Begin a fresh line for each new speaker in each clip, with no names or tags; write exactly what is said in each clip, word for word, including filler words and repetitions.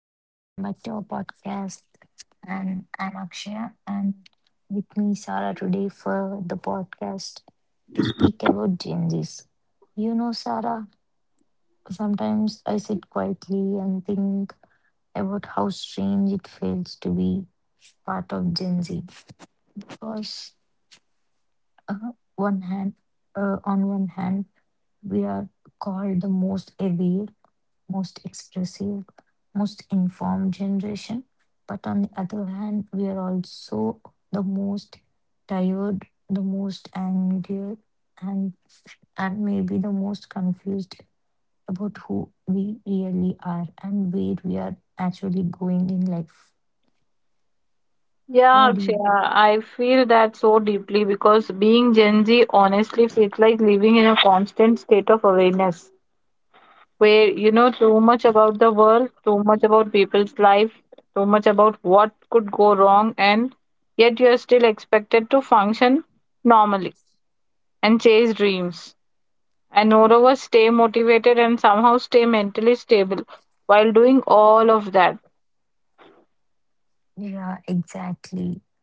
Hi, welcome back to our podcast. And I'm Akshaya, and with me, Sarah, today for the podcast to speak about Gen Zs. You know, Sarah, sometimes I sit quietly and think about how strange it feels to be part of Gen Z. Because uh, one hand, uh, on one hand, we are called the most aware, most expressive, most informed generation. But on the other hand, we are also the most tired, the most angry, and and maybe the most confused about who we really are and where we are actually going in life.
Yeah,
What do you?
Akshaya, I feel that so deeply because being Gen Z honestly feels like living in a constant state of awareness where you know too much about the world, too much about people's life, too much about what could go wrong, and yet you're still expected to function normally and chase dreams. And moreover, stay motivated and somehow stay mentally stable while doing all of that.
Yeah, exactly.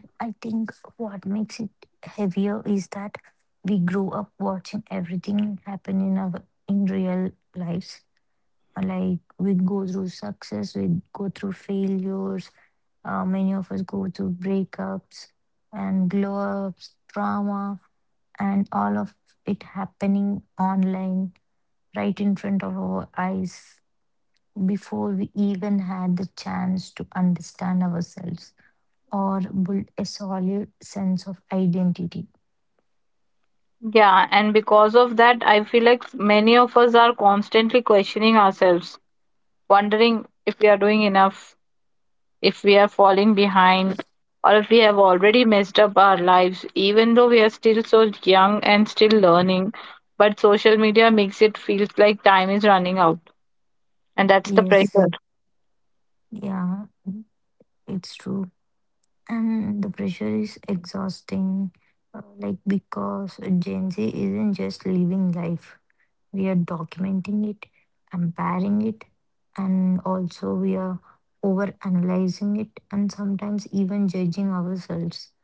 And I think what makes it heavier is that we grow up watching everything happen in our in real lives. Like, we go through success, we go through failures. Uh, many of us go through breakups and glow ups, trauma, and all of it happening online right in front of our eyes before we even had the chance to understand ourselves or build a solid sense of identity.
Yeah, and because of that, I feel like many of us are constantly questioning ourselves, wondering if we are doing enough, if we are falling behind, or if we have already messed up our lives, even though we are still so young and still learning. But social media makes it feels like time is running out, and that's the pressure.
Yes, yeah, it's true. And the pressure is exhausting, uh, like, because Gen Z isn't just living life, we are documenting it, comparing it, and also we are over analyzing it and sometimes even judging ourselves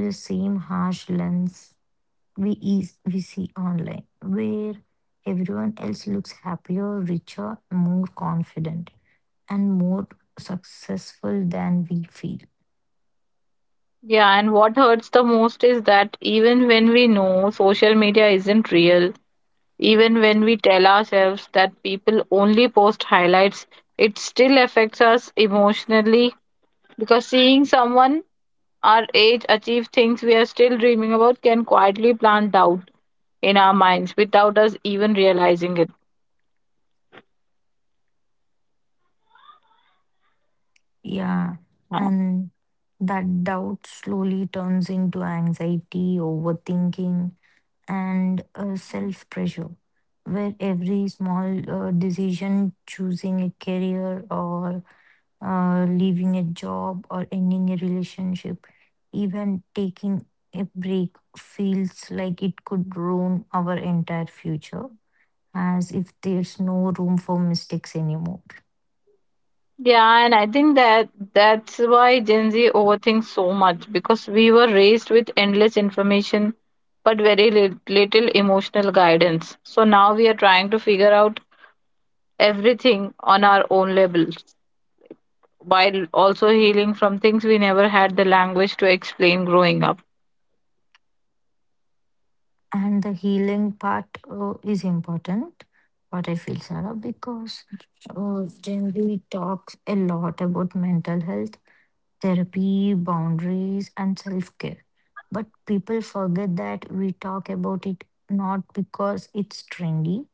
through the same harsh lens we is, we see online, where everyone else looks happier, richer, more confident, and more successful than we feel.
Yeah, and what hurts the most is that even when we know social media isn't real, even when we tell ourselves that people only post highlights, it still affects us emotionally because seeing someone our age achieve things we are still dreaming about can quietly plant doubt in our minds without us even realizing it.
Yeah,
Huh.
and that doubt slowly turns into anxiety, overthinking, and uh, self pressure, where every small uh, decision, choosing a career or uh, leaving a job or ending a relationship, even taking a break, feels like it could ruin our entire future, as if there's no room for mistakes anymore.
Yeah, and I think that that's why Gen Z overthinks so much because we were raised with endless information but very lit- little emotional guidance. So now we are trying to figure out everything on our own level, while also healing from things we never had the language to explain growing up.
And the healing part uh, is important, what I feel, Sarah, because uh, generally talks a lot about mental health, therapy, boundaries, and self-care. But people forget that we talk about it not because it's trendy,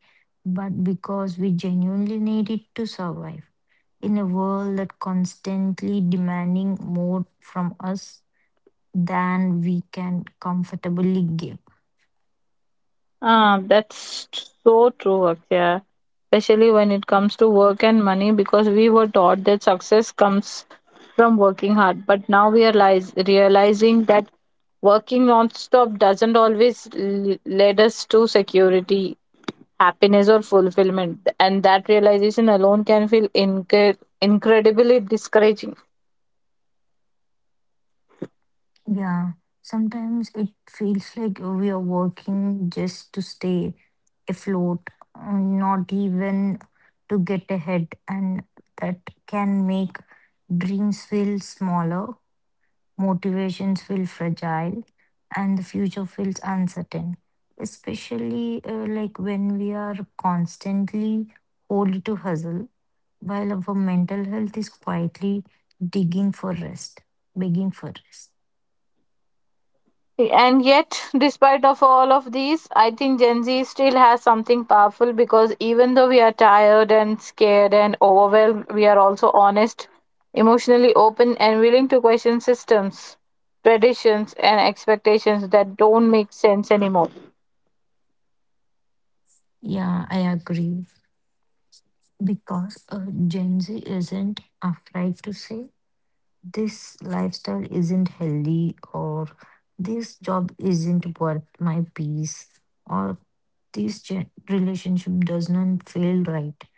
but because we genuinely need it to survive in a world that constantly demanding more from us than we can comfortably give.
Ah, that's t- so true, Akshaya. Especially when it comes to work and money, because we were taught that success comes from working hard. But now we are lies- realizing that working non-stop doesn't always l- lead us to security, happiness, or fulfillment. And that realization alone can feel inc- incredibly discouraging.
Yeah, sometimes it feels like we are working just to stay afloat, uh, not even to get ahead, and that can make dreams feel smaller, motivations feel fragile, and the future feels uncertain. Especially uh, like when we are constantly hold to hustle, while our mental health is quietly digging for rest, begging for rest.
And yet, despite of all of these, I think Gen Z still has something powerful because even though we are tired and scared and overwhelmed, we are also honest, emotionally open, and willing to question systems, traditions, and expectations that don't make sense anymore.
Yeah, I agree. Because uh, Gen Z isn't afraid to say this lifestyle isn't healthy, or this job isn't worth my peace, or this gen- relationship does not feel right.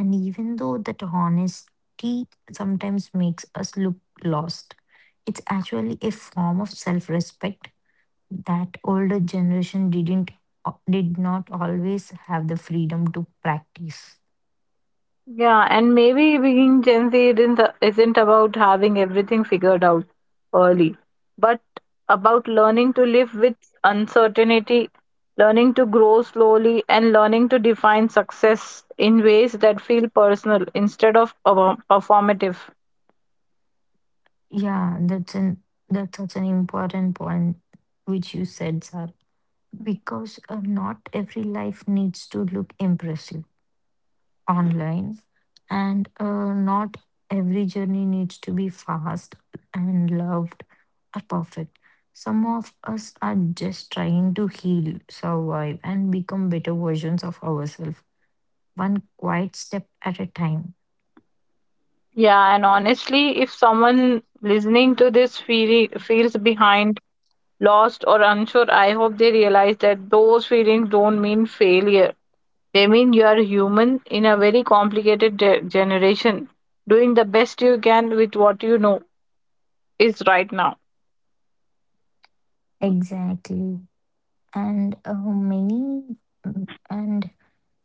And even though that honesty sometimes makes us look lost, it's actually a form of self respect that older generation didn't did not always have the freedom to practice.
Yeah, and maybe being Gen Z isn't, isn't about having everything figured out early, but about learning to live with uncertainty, learning to grow slowly, and learning to define success in ways that feel personal instead of perform- performative.
Yeah, that's an that's such an important point which you said, sir, because uh, not every life needs to look impressive online, and uh, not every journey needs to be fast and loved or perfect. Some of us are just trying to heal, survive, and become better versions of ourselves one quiet step at a time.
Yeah, and honestly, if someone listening to this feel, feels behind, lost, or unsure, I hope they realize that those feelings don't mean failure. They mean you are human in a very complicated ge- generation, doing the best you can with what you know is right now.
Exactly. And uh, many, mm, and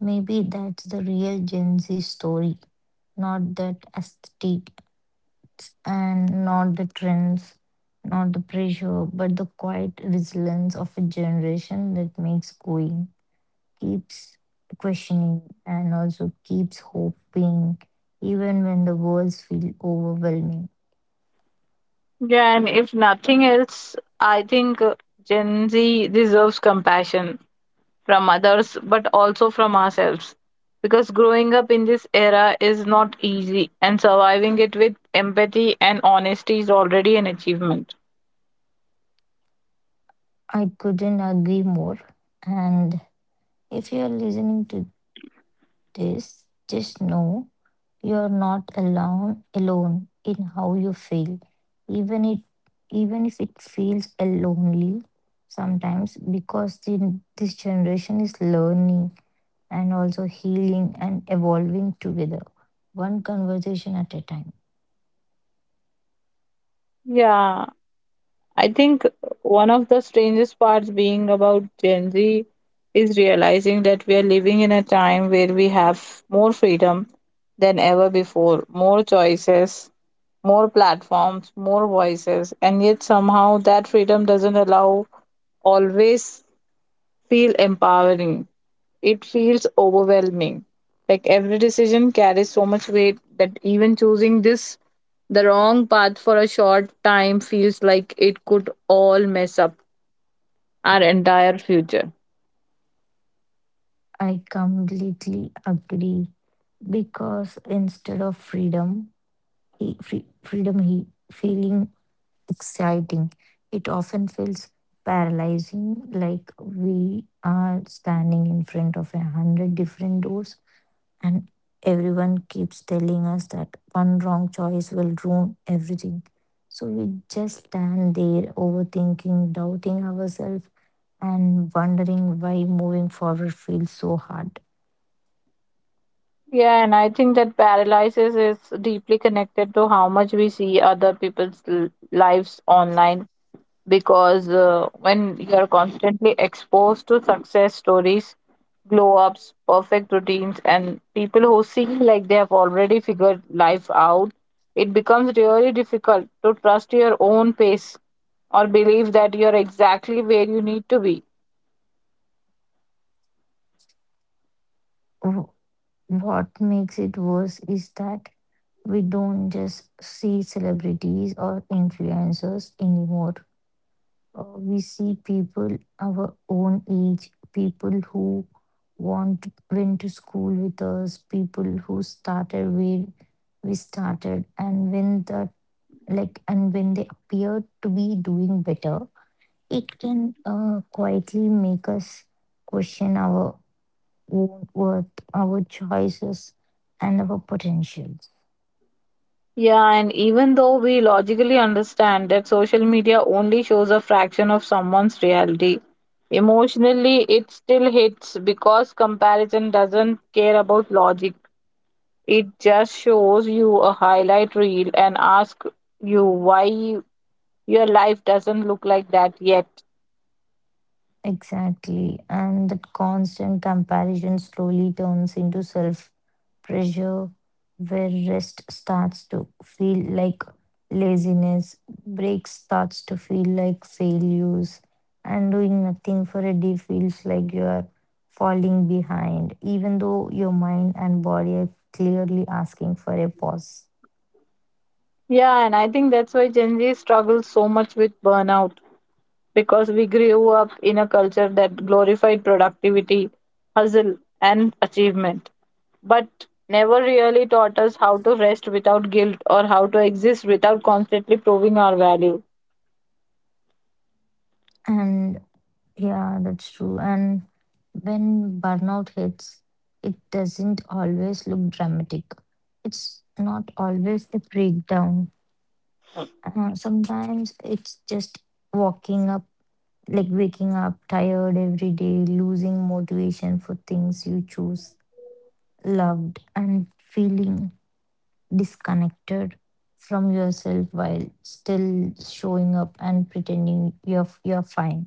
maybe that's the real Gen Z story, not that aesthetic and not the trends, not the pressure, but the quiet resilience of a generation that makes going, keeps questioning, and also keeps hoping, even when the worlds feel overwhelming.
Yeah, and if nothing else, I think uh, Gen Z deserves compassion from others but also from ourselves, because growing up in this era is not easy, and surviving it with empathy and honesty is already an achievement.
I couldn't agree more. And if you are listening to this, just know you are not alone alone in how you feel. Even it Even if it feels a lonely sometimes, because the, this generation is learning and also healing and evolving together. One conversation at a time.
Yeah, I think one of the strangest parts being about Gen Z is realizing that we are living in a time where we have more freedom than ever before, more choices, more platforms, more voices, and yet somehow that freedom doesn't allow always feel empowering. It feels overwhelming. Like every decision carries so much weight that even choosing this, the wrong path for a short time, feels like it could all mess up our entire future.
I completely agree because instead of freedom, he, free, freedom he, feeling exciting. It often feels paralyzing, like we are standing in front of a hundred different doors, and everyone keeps telling us that one wrong choice will ruin everything. So we just stand there, overthinking, doubting ourselves, and wondering why moving forward feels so hard.
Yeah, and I think that paralysis is deeply connected to how much we see other people's l- lives online because uh, when you are constantly exposed to success stories, glow ups, perfect routines, and people who seem like they have already figured life out, it becomes really difficult to trust your own pace or believe that you're exactly where you need to be.
What makes it worse is that we don't just see celebrities or influencers anymore. Uh, we see people our own age, people who want to- went to school with us, people who started where we started, and when the like and when they appear to be doing better, it can uh, quietly make us question our own worth, our choices, and our potentials.
Yeah, and even though we logically understand that social media only shows a fraction of someone's reality, emotionally it still hits because comparison doesn't care about logic. It just shows you a highlight reel and ask you why your life doesn't look like that yet.
Exactly. And that constant comparison slowly turns into self pressure, where rest starts to feel like laziness, breaks starts to feel like failures, and doing nothing for a day feels like you are falling behind, even though your mind and body are clearly asking for a pause.
Yeah, and I think that's why Gen Z struggles so much with burnout because we grew up in a culture that glorified productivity, hustle, and achievement, but never really taught us how to rest without guilt or how to exist without constantly proving our value.
And yeah, that's true. And when burnout hits, it doesn't always look dramatic. It's not always a breakdown. Uh, sometimes it's just walking up, like waking up tired every day, losing motivation for things you choose, loved, and feeling disconnected from yourself while still showing up and pretending you're you're fine.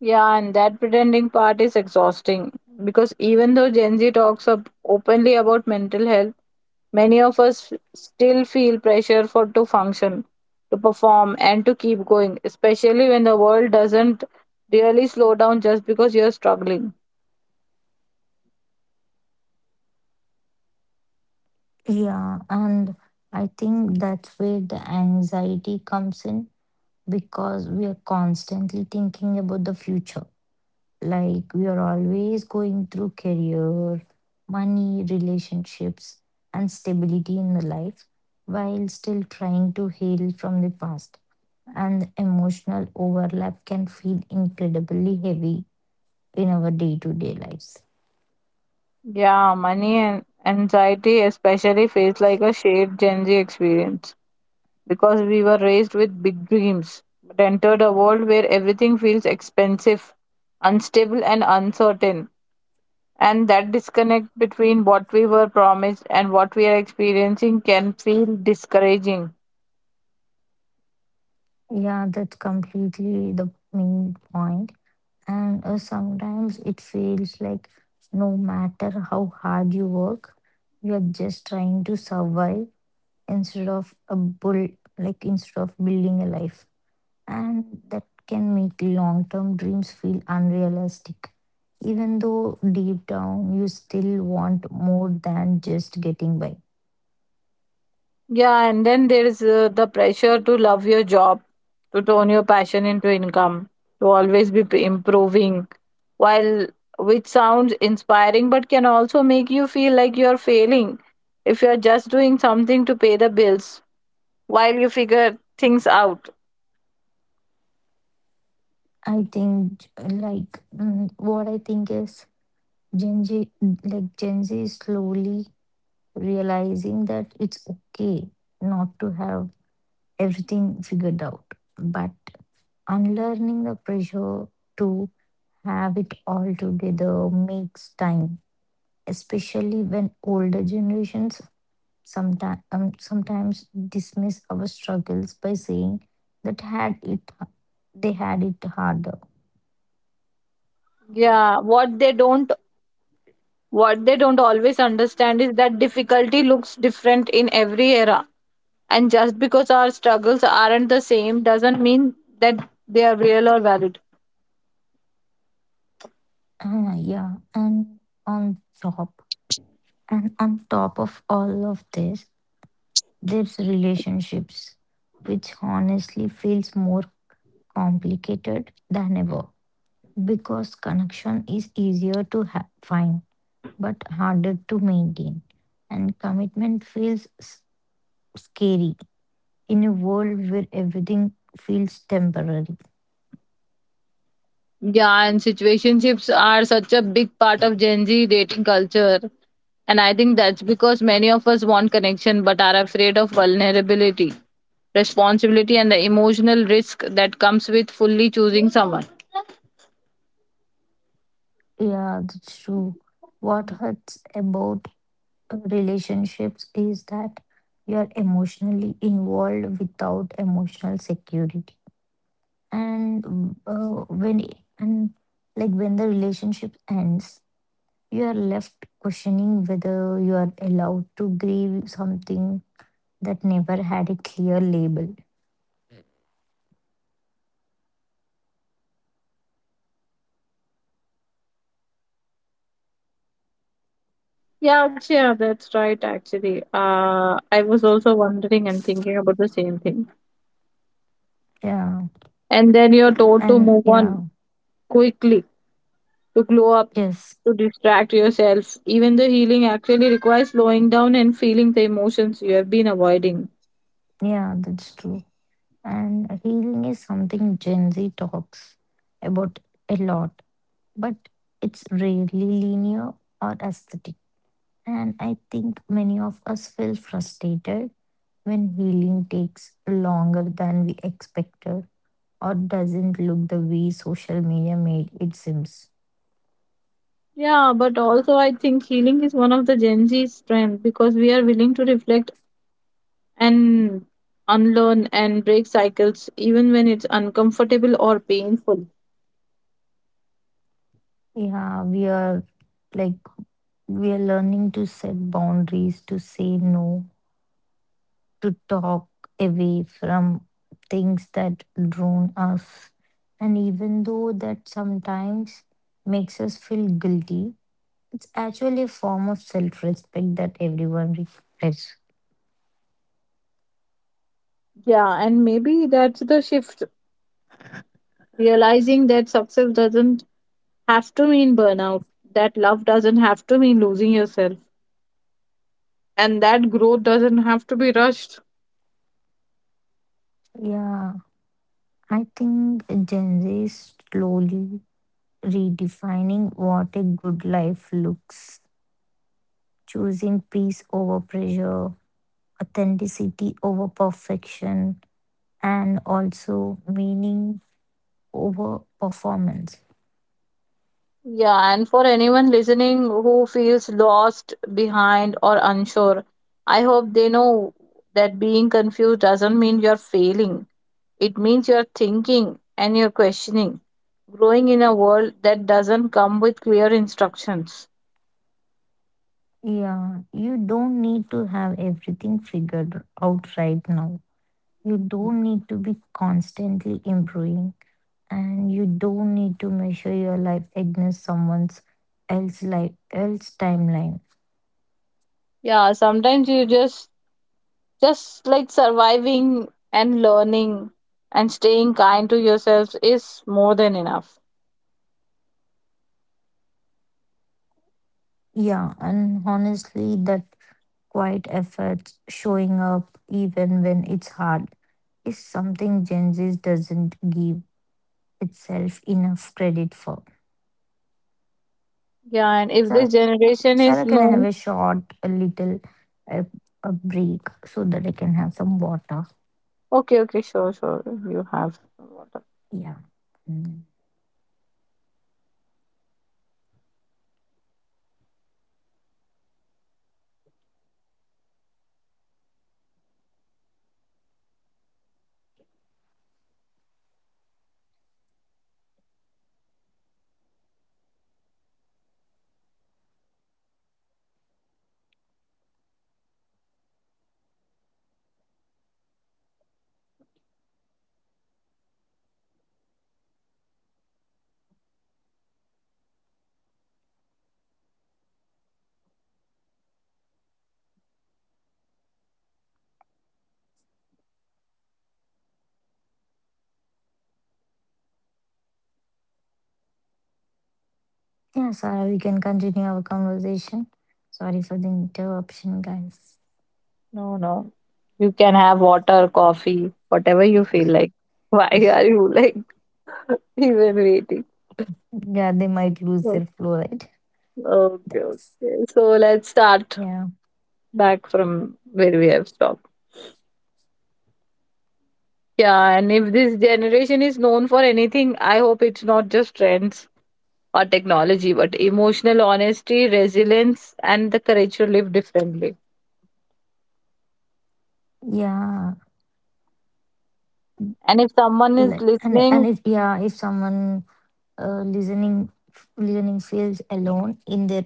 Yeah, and that pretending part is exhausting because even though Gen Z talks up openly about mental health, many of us f- still feel pressure for to function, to perform, and to keep going, especially when the world doesn't really slow down just because you're struggling.
Yeah, and I think that's where the anxiety comes in because we are constantly thinking about the future. Like, we are always going through career, money, relationships, and stability in the life while still trying to heal from the past. And the emotional overlap can feel incredibly heavy in our day to day lives.
Yeah, money and anxiety especially feels like a shared Gen Z experience because we were raised with big dreams but entered a world where everything feels expensive, unstable, and uncertain. And that disconnect between what we were promised and what we are experiencing can feel discouraging.
Yeah, that's completely the main point. And uh, sometimes it feels like no matter how hard you work, you are just trying to survive instead of a bull like instead of building a life, and that can make long term dreams feel unrealistic, even though deep down you still want more than just getting by.
Yeah, and then there is uh, the pressure to love your job, to turn your passion into income, to always be p- improving, while, which sounds inspiring but can also make you feel like you're failing if you're just doing something to pay the bills while you figure things out.
I think like mm, what I think is gen z like gen z is slowly realizing that it's okay not to have everything figured out, but unlearning the pressure to have it all together makes time, especially when older generations sometimes um, sometimes dismiss our struggles by saying that had it they had it harder.
Yeah, what they don't what they don't always understand is that difficulty looks different in every era. And just because our struggles aren't the same doesn't mean that they are real or valid.
Ah, yeah, and on top and on top of all of this, there's relationships, which honestly feels more complicated than ever, because connection is easier to ha- find but harder to maintain, and commitment feels s- scary in a world where everything feels temporary.
Yeah, and situationships are such a big part of Gen Z dating culture. And I think that's because many of us want connection but are afraid of vulnerability, responsibility, and the emotional risk that comes with fully choosing someone.
Yeah, that's true. What hurts about relationships is that you are emotionally involved without emotional security. And uh, when and like when the relationship ends, you are left questioning whether you are allowed to grieve something that never had a clear label.
Yeah, okay, yeah, that's right, actually. Uh, I was also wondering and thinking about the same thing.
Yeah,
And then you're told to
and
move
yeah,
on quickly, to glow up,
yes,
to distract yourself. Even the healing actually requires slowing down and feeling the emotions you have been avoiding.
yeah, that's true. And healing is something Gen Z talks about a lot, but it's rarely linear or aesthetic. And I think many of us feel frustrated when healing takes longer than we expected or doesn't look the way social media made it seems.
Yeah, but also I think healing is one of the Gen Z's strength because we are willing to reflect and unlearn and break cycles even when it's uncomfortable or painful.
Yeah, we are, like, we are learning to set boundaries, to say no, to talk away from things that drown us. And even though that sometimes makes us feel guilty, it's actually a form of self respect that everyone requires.
Yeah, and maybe that's the shift, realizing that success doesn't have to mean burnout, that love doesn't have to mean losing yourself, and that growth doesn't have to be rushed.
Yeah, I think Gen Z is slowly redefining what a good life looks, choosing peace over pressure, authenticity over perfection, and also meaning over performance.
Yeah, and for anyone listening who feels lost, behind, or unsure, I hope they know that being confused doesn't mean you're failing. It means you're thinking and you're questioning, growing in a world that doesn't come with clear instructions.
Yeah, you don't need to have everything figured out right now. You don't need to be constantly improving, and you don't need to measure your life against someone else's life, else timeline.
Yeah, sometimes you just just like surviving and learning and staying kind to yourselves is more than enough.
Yeah, and honestly, that quiet effort, showing up even when it's hard, is something Gen Z doesn't give itself enough credit for.
Yeah, and if this
Sarah,
generation is
Sarah, can I have
known,
a short, a little, a, a break so that I can have some water?
okay, okay, sure, sure, you have water.
Yeah. Mm. Yeah, Sarah, we can continue our conversation. Sorry for the interruption, guys.
No, no, you can have water, coffee, whatever you feel like. Why are you like even waiting?
Yeah, they might lose
So,
their flow, right?
okay,
That's,
okay, so let's start
yeah.
back from where we have stopped. Yeah, and if this generation is known for anything, I hope it's not just trends or technology, but emotional honesty, resilience, and the courage to live differently.
Yeah.
And if someone is
Like, and and
listening,
if yeah, if someone uh, listening listening feels alone in their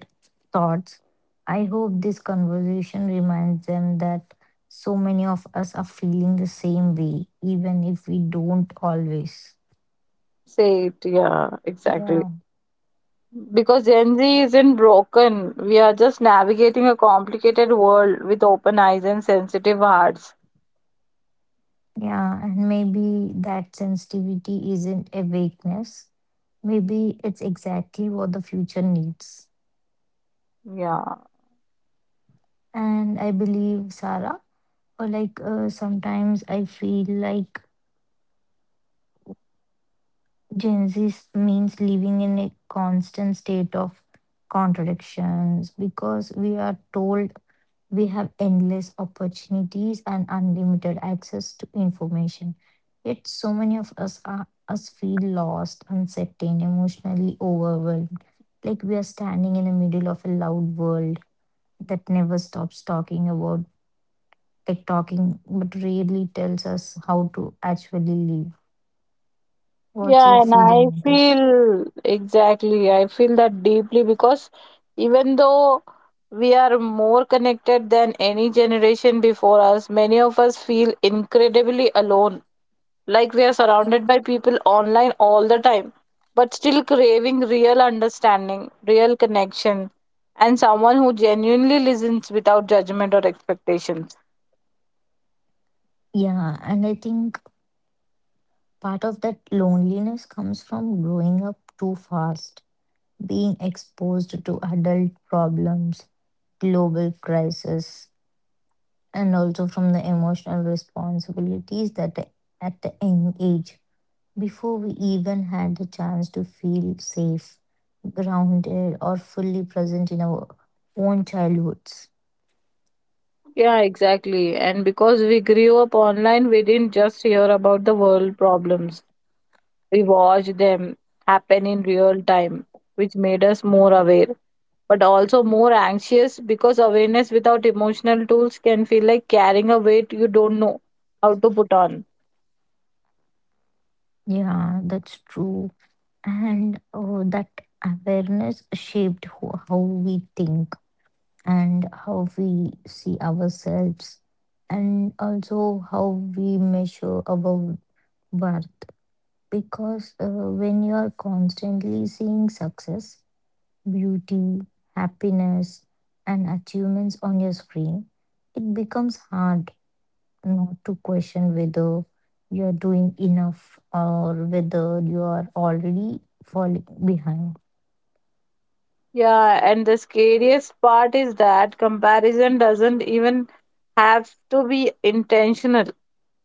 thoughts, I hope this conversation reminds them that so many of us are feeling the same way, even if we don't always.
say it. Yeah, exactly.
Yeah,
Because Gen Z isn't broken. We are just navigating a complicated world with open eyes and sensitive hearts.
yeah, and maybe that sensitivity isn't a weakness. Maybe it's exactly what the future needs.
Yeah.
And I believe, Sarah, or like uh, sometimes I feel like Gen Z s- means living in a constant state of contradictions because we are told we have endless opportunities and unlimited access to information. Yet, so many of us are us feel lost, uncertain, emotionally overwhelmed, like we are standing in the middle of a loud world that never stops talking about, like, talking, but rarely tells us how to actually live. What's your
Yeah, and
feeling
I
on this?
feel exactly. I feel that deeply because even though we are more connected than any generation before us, many of us feel incredibly alone. Like we are surrounded by people online all the time, but still craving real understanding, real connection, and someone who genuinely listens without judgment or expectations.
Yeah, and I think part of that loneliness comes from growing up too fast, being exposed to adult problems, global crisis, and also from the emotional responsibilities that at a young age, before we even had the chance to feel safe, grounded, or fully present in our own childhoods.
Yeah, exactly. And because we grew up online, we didn't just hear about the world problems. We watched them happen in real time, which made us more aware, but also more anxious because awareness without emotional tools can feel like carrying a weight you don't know how to put on.
Yeah, that's true. And oh, that awareness shaped who, how we think and how we see ourselves and also how we measure our worth. Because uh, when you are constantly seeing success, beauty, happiness, and achievements on your screen, it becomes hard not to question whether you are doing enough or whether you are already falling behind.
Yeah, and the scariest part is that comparison doesn't even have to be intentional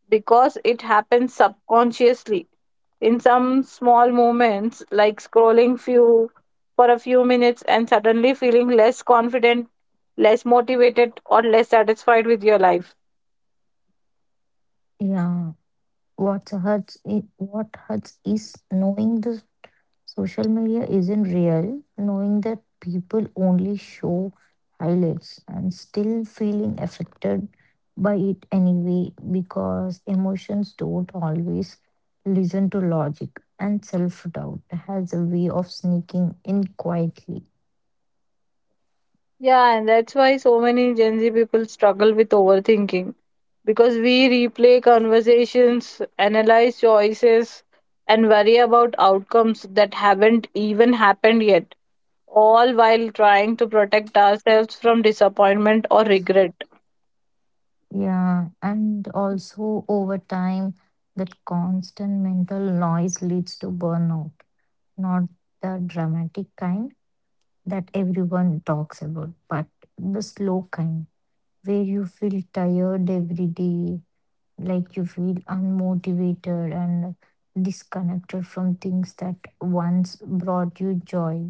because it happens subconsciously in some small moments like scrolling few for a few minutes and suddenly feeling less confident, less motivated or less satisfied with your life.
Yeah, what hurts i- what hurts is knowing the social media isn't real, knowing that people only show highlights and still feeling affected by it anyway, because emotions don't always listen to logic and self-doubt has a way of sneaking in quietly.
Yeah, and that's why so many Gen Z people struggle with overthinking because we replay conversations, analyze choices, and worry about outcomes that haven't even happened yet, all while trying to protect ourselves from disappointment or regret.
Yeah, and also over time, that constant mental noise leads to burnout, not the dramatic kind that everyone talks about, but the slow kind where you feel tired every day, like you feel unmotivated and disconnected from things that once brought you joy.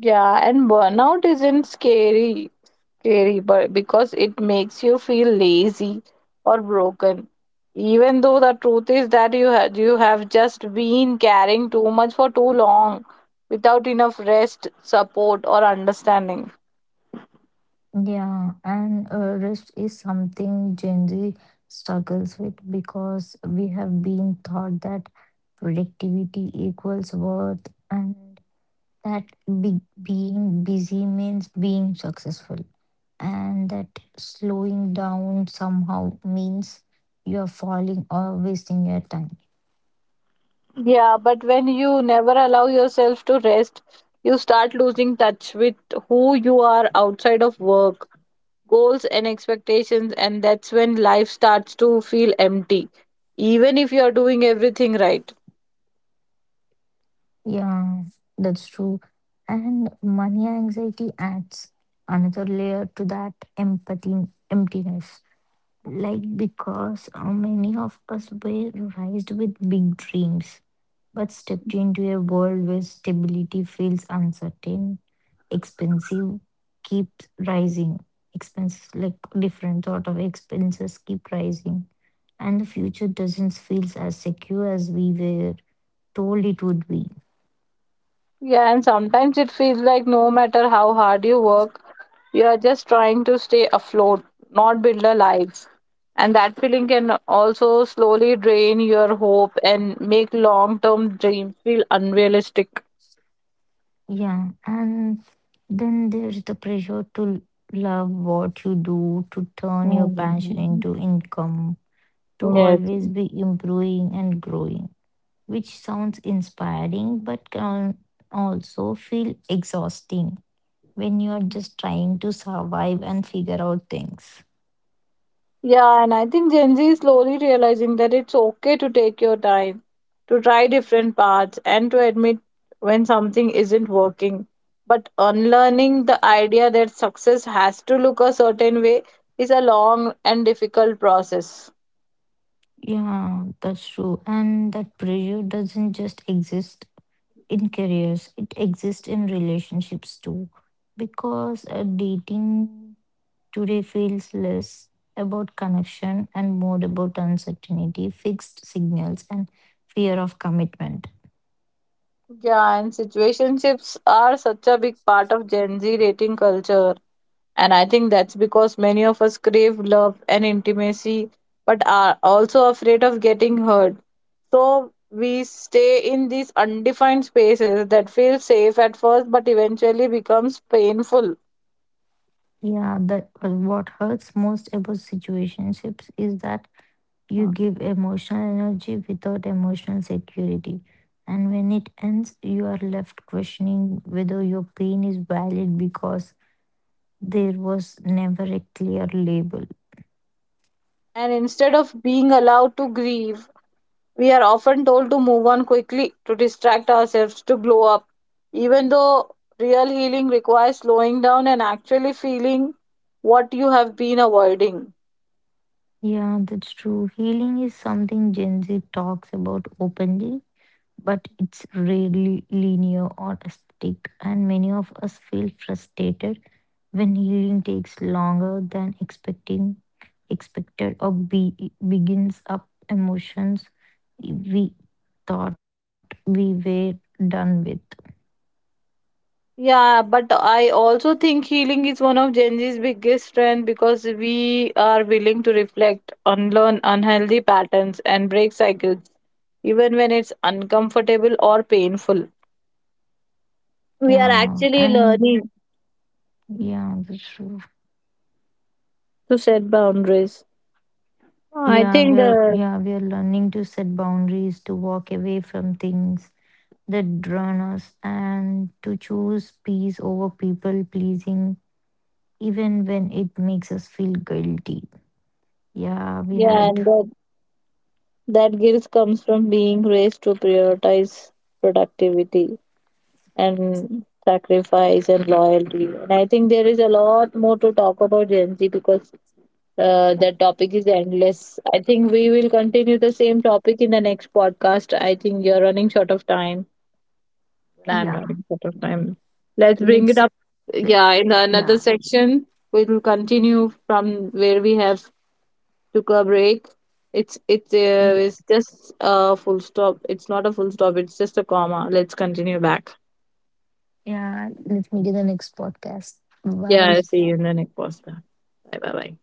Yeah, and burnout isn't scary. Scary, but because it makes you feel lazy or broken, even though the truth is that you have you have just been carrying too much for too long without enough rest, support, or understanding.
Yeah, and uh, rest is something Gen Z struggles with, because we have been taught that productivity equals worth, and that be- being busy means being successful and that slowing down somehow means you are falling or wasting your time.
Yeah, but when you never allow yourself to rest, you start losing touch with who you are outside of work, goals, and expectations, and that's when life starts to feel empty, even if you are doing everything right.
Yeah, that's true. And money anxiety adds another layer to that empathy emptiness. Like, because uh, many of us were raised with big dreams, but stepped into a world where stability feels uncertain, expensive keeps rising, expenses like different sort of expenses keep rising, and the future doesn't feel as secure as we were told it would be.
Yeah, and sometimes it feels like no matter how hard you work, you are just trying to stay afloat, not build a life. And that feeling can also slowly drain your hope and make long term dreams feel unrealistic.
Yeah, and then there's the pressure to love what you do, to turn your passion
Mm.
into income, to
Yes.
always be improving and growing, which sounds inspiring but can also feel exhausting when you're just trying to survive and figure out things.
Yeah, and I think Gen Z is slowly realizing that it's okay to take your time, to try different paths, and to admit when something isn't working. But unlearning the idea that success has to look a certain way is a long and difficult process.
Yeah, that's true. And that pressure doesn't just exist in careers, it exists in relationships too. Because uh, dating today feels less about connection and more about uncertainty, fixed signals, and fear of commitment.
Yeah, and situationships are such a big part of Gen Z dating culture. And I think that's because many of us crave love and intimacy, but are also afraid of getting hurt. So we stay in these undefined spaces that feel safe at first but eventually becomes painful.
Yeah, that uh, what hurts most about situationships is that you give emotional energy without emotional security. And when it ends, you are left questioning whether your pain is valid because there was never a clear label.
And instead of being allowed to grieve, we are often told to move on quickly, to distract ourselves, to glow up. Even though real healing requires slowing down and actually feeling what you have been avoiding.
Yeah, that's true. Healing is something Gen Z talks about openly, but it's rarely linear or aesthetic. And many of us feel frustrated when healing takes longer than expecting expected or be, begins up emotions we thought we were done with.
Yeah, but I also think healing is one of Gen Z's biggest strength because we are willing to reflect, unlearn unhealthy patterns, and break cycles, even when it's uncomfortable or painful. We are
Yeah,
actually
and
learning
yeah, that's true.
to set boundaries.
Yeah
I think
we're yeah,
the
we're learning to set boundaries, to walk away from things that drown us, and to choose peace over people pleasing even when it makes us feel guilty. Yeah, we had,
yeah, and that that guilt comes from being raised to prioritize productivity and sacrifice and loyalty. And I think there is a lot more to talk about Gen Z because Uh, that topic is endless. I think we will continue the same topic in the next podcast. I think you're running short of time, and
yeah,
I'm running short of time. Let's
let's.
bring it up.
Yeah.
Yeah, in the
Yeah.
another section, we will continue from where we have took a break. It's it's uh, it's just a full stop. It's not a full stop. It's just a comma. Let's continue back.
Yeah. Let me do the next podcast. Bye.
Yeah, I'll see you in the next podcast. Bye bye bye.